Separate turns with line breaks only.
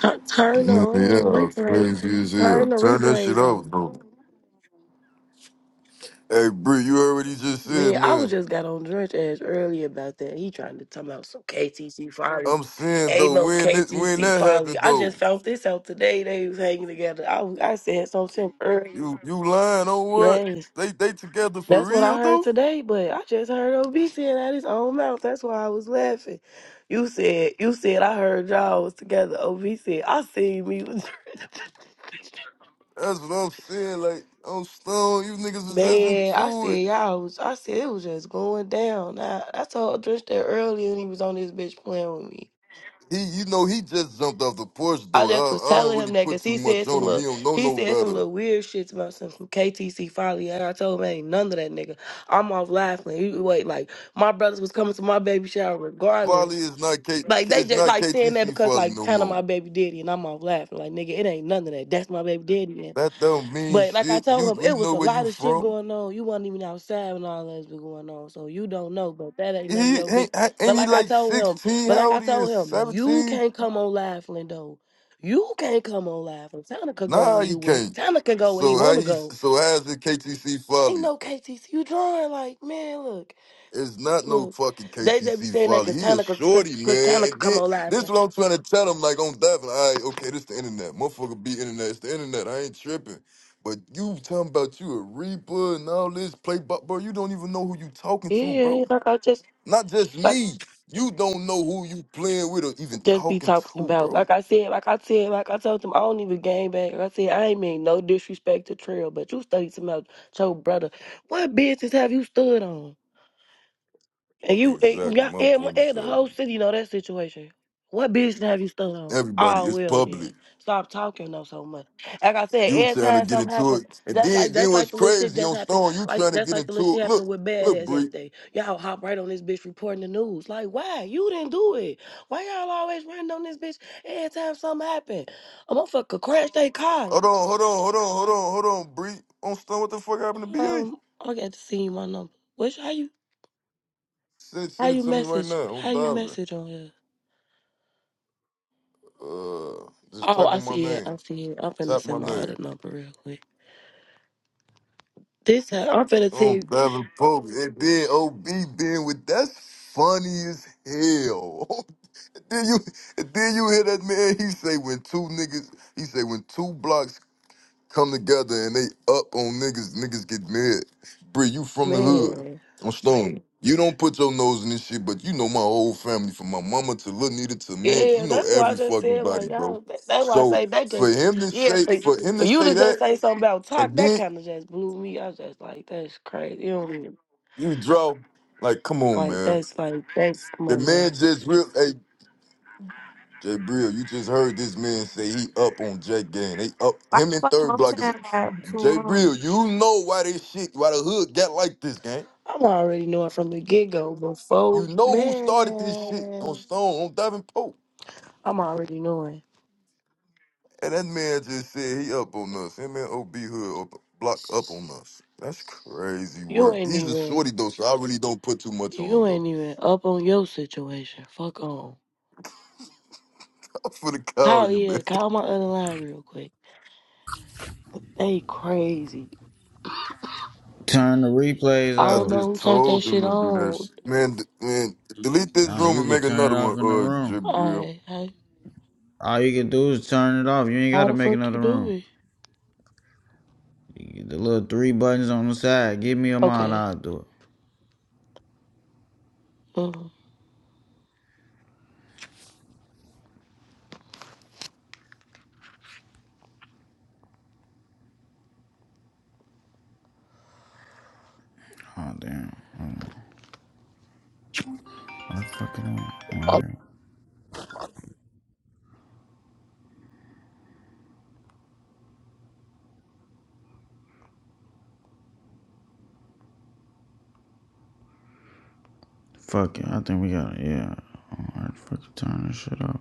Tur- Turn the
Yeah,
um,
yeah,
replay.
crazy as hell.
Turn the
Turn that shit
replays
off,
off.
though. Hey, Bree, you already just said,
Man, I was
man.
just got on Drench Edge earlier about that. He trying to talk about some KTC Folly.
I'm saying though,
Amo
when this, when
KTC
that happened
Folly. I just
though,
found this out today. They was hanging together. I, was- I said something earlier.
you you lying on what?
Yes.
They they together for
That's what
real
I heard
though?
today, but I just heard OB say it out his own mouth. That's why I was laughing. You said, you said I heard y'all was together. OB said, I seen me.
That's what I'm saying. Like I'm stoned. You niggas is just
Man, I
into it.
said y'all was I said it was just going down. I, I told Drench that earlier and he was on this bitch playing with me.
He, you know, he just jumped off the porch though.
I
I,
just was
I don't
telling
really
him that
put
because
too
he
much
said some
on him.
little
He don't know
he
no
said some
better.
little weird shits about some, some KTC folly and I told him ain't none of that nigga. I'm off laughing. He, wait, like my brothers was coming to my baby shower
Folly
regardless.
is not K,
Like they
it's
just
not
like saying that
KTC
because
Folly
like
no
kind of
more.
my baby daddy and I'm off laughing. Like nigga, it ain't none of that. That's my baby daddy.
That don't mean
But like I
shit. You,
told him,
we
it was
know
a
where you
lot of shit
from.
going on. You wasn't even outside when all that's been going on, so you don't know. But that ain't
He
none of
ain't,
your big.
ain't
But
he
like I
like
told him,
16?
but
How
like I
old he
told
is?
him, you
17?
can't come on live, Lindo. You can't come on live. And Tana could go
Nah,
where
he
you were.
can't.
Tana could go where he
So how
want to
he
go.
so how is it KTC
Ain't
Folly?
no KTC. You drawing like man. Look,
It's not no
look.
fucking
They just be
KTC
saying that
Folly.
because
He a
Tana could, cause,
shorty,
cause
man.
Tana could
And
come
then
on live.
this
now.
what I'm trying to tell him, like on Devin. All right, okay, this the internet. Motherfucker be internet. It's the internet. I ain't tripping. But you talking about you a reaper and all this play, but bro, you don't even know who you talking to,
Yeah,
bro.
like I just
Not just
like
me. You don't know who you playing with or even
just be
talking
talking
to,
about.
bro.
Like I said, like I said, like I told them, I don't even game back. Like I said, I ain't mean no disrespect to Trail, but you studied some out your brother. What business have you stood on? And you, and,
Exactly.
y'all-
My
and,
point is
and the
that
whole city know that situation. What business have you still on?
everybody
Oh
it's
well
public.
then, stop talking though so much. Like I said,
You
every
trying to
time
get
something
into
happens,
it. And
that's like
then then
that's like
what's
the little shit
crazy
just
on
happened.
Stone, you
Like
trying to
that's
get
like the little
into
shit
it. Look,
happened with
look,
badass
Bree.
yesterday. Y'all hop right on this bitch reporting the news. Like why you didn't do it? Why y'all always running on this bitch every time something happen? A motherfucker crashed they car.
Hold on, hold on, hold on, hold on, hold on, Bree. On Stone, what the fuck happened to BA?
Um, I got to see my number. Which how you
Send
how
send it
you
to me right
message
now. On
how you
Diving.
message on here?
Uh just
Oh,
type
I
on my
see it. I
name.
see it. I'm finna
Type my
send my other
name.
number real quick. This ha- I'm finna see,
On Diving Pope. And then OB being with that's funny as hell. then you and then you hear that man, he say when two niggas he say when two blocks come together and they up on niggas. Niggas get mad. Bree, you from the hood?
man.
I'm stone. You don't put your nose in this shit, but you know my whole family, from my mama to Lil Nita to man,
Yeah,
you know
that's why I
every
just
fucking
said like
body, bro.
y'all. That, that's why I
So
say that
for
just
him to
yeah.
say,
For,
for him
for
to
you
say
to just
that,
say something about talk,
and
that
then
kind of just blew me. I was just like, that's crazy. You don't even,
you draw, like, come on,
like
man.
that's like that's come
The
on
man
man.
just real, hey, Jay Brill, you just heard this man say he up on Jay Gang. They up
Why
him and
the fuck
Third Block is
Motown got too
Jay
long?
Brill. You know why this shit, why the hood got like this, gang.
I'm already knowing from the get go
You
before
know who started this shit on
man.
Stone, on Devin Pope.
I'm already knowing.
And that man just said he up on us. Him and OB Hood up, block up on us. That's crazy
You
work.
ain't
He's a
even
shorty though, so I really don't put too much on him
you
though.
ain't even up on your situation. Fuck on.
I'm for the cow,
Call
you
yeah,
man.
call my other line real quick. They crazy.
Turn the replays
I
I
don't
off.
know
just
who turned that
told him
shit
to do that
on.
shit. Man, d- man, delete this
Nah,
room
you
and make
could turn
another
it
one,
off in the
uh,
room.
Jabril.
I, I
All you can do is turn it off. You ain't got
how
to
the
make
fuck
another
you do
room.
it?
You get the little three buttons on the side. Give me a mod.
Okay.
I'll do it.
uh
Oh, damn. What the fuck it ain't? Right here. Fuck it. I think we got it. Yeah. All right. Fucking turn this shit off.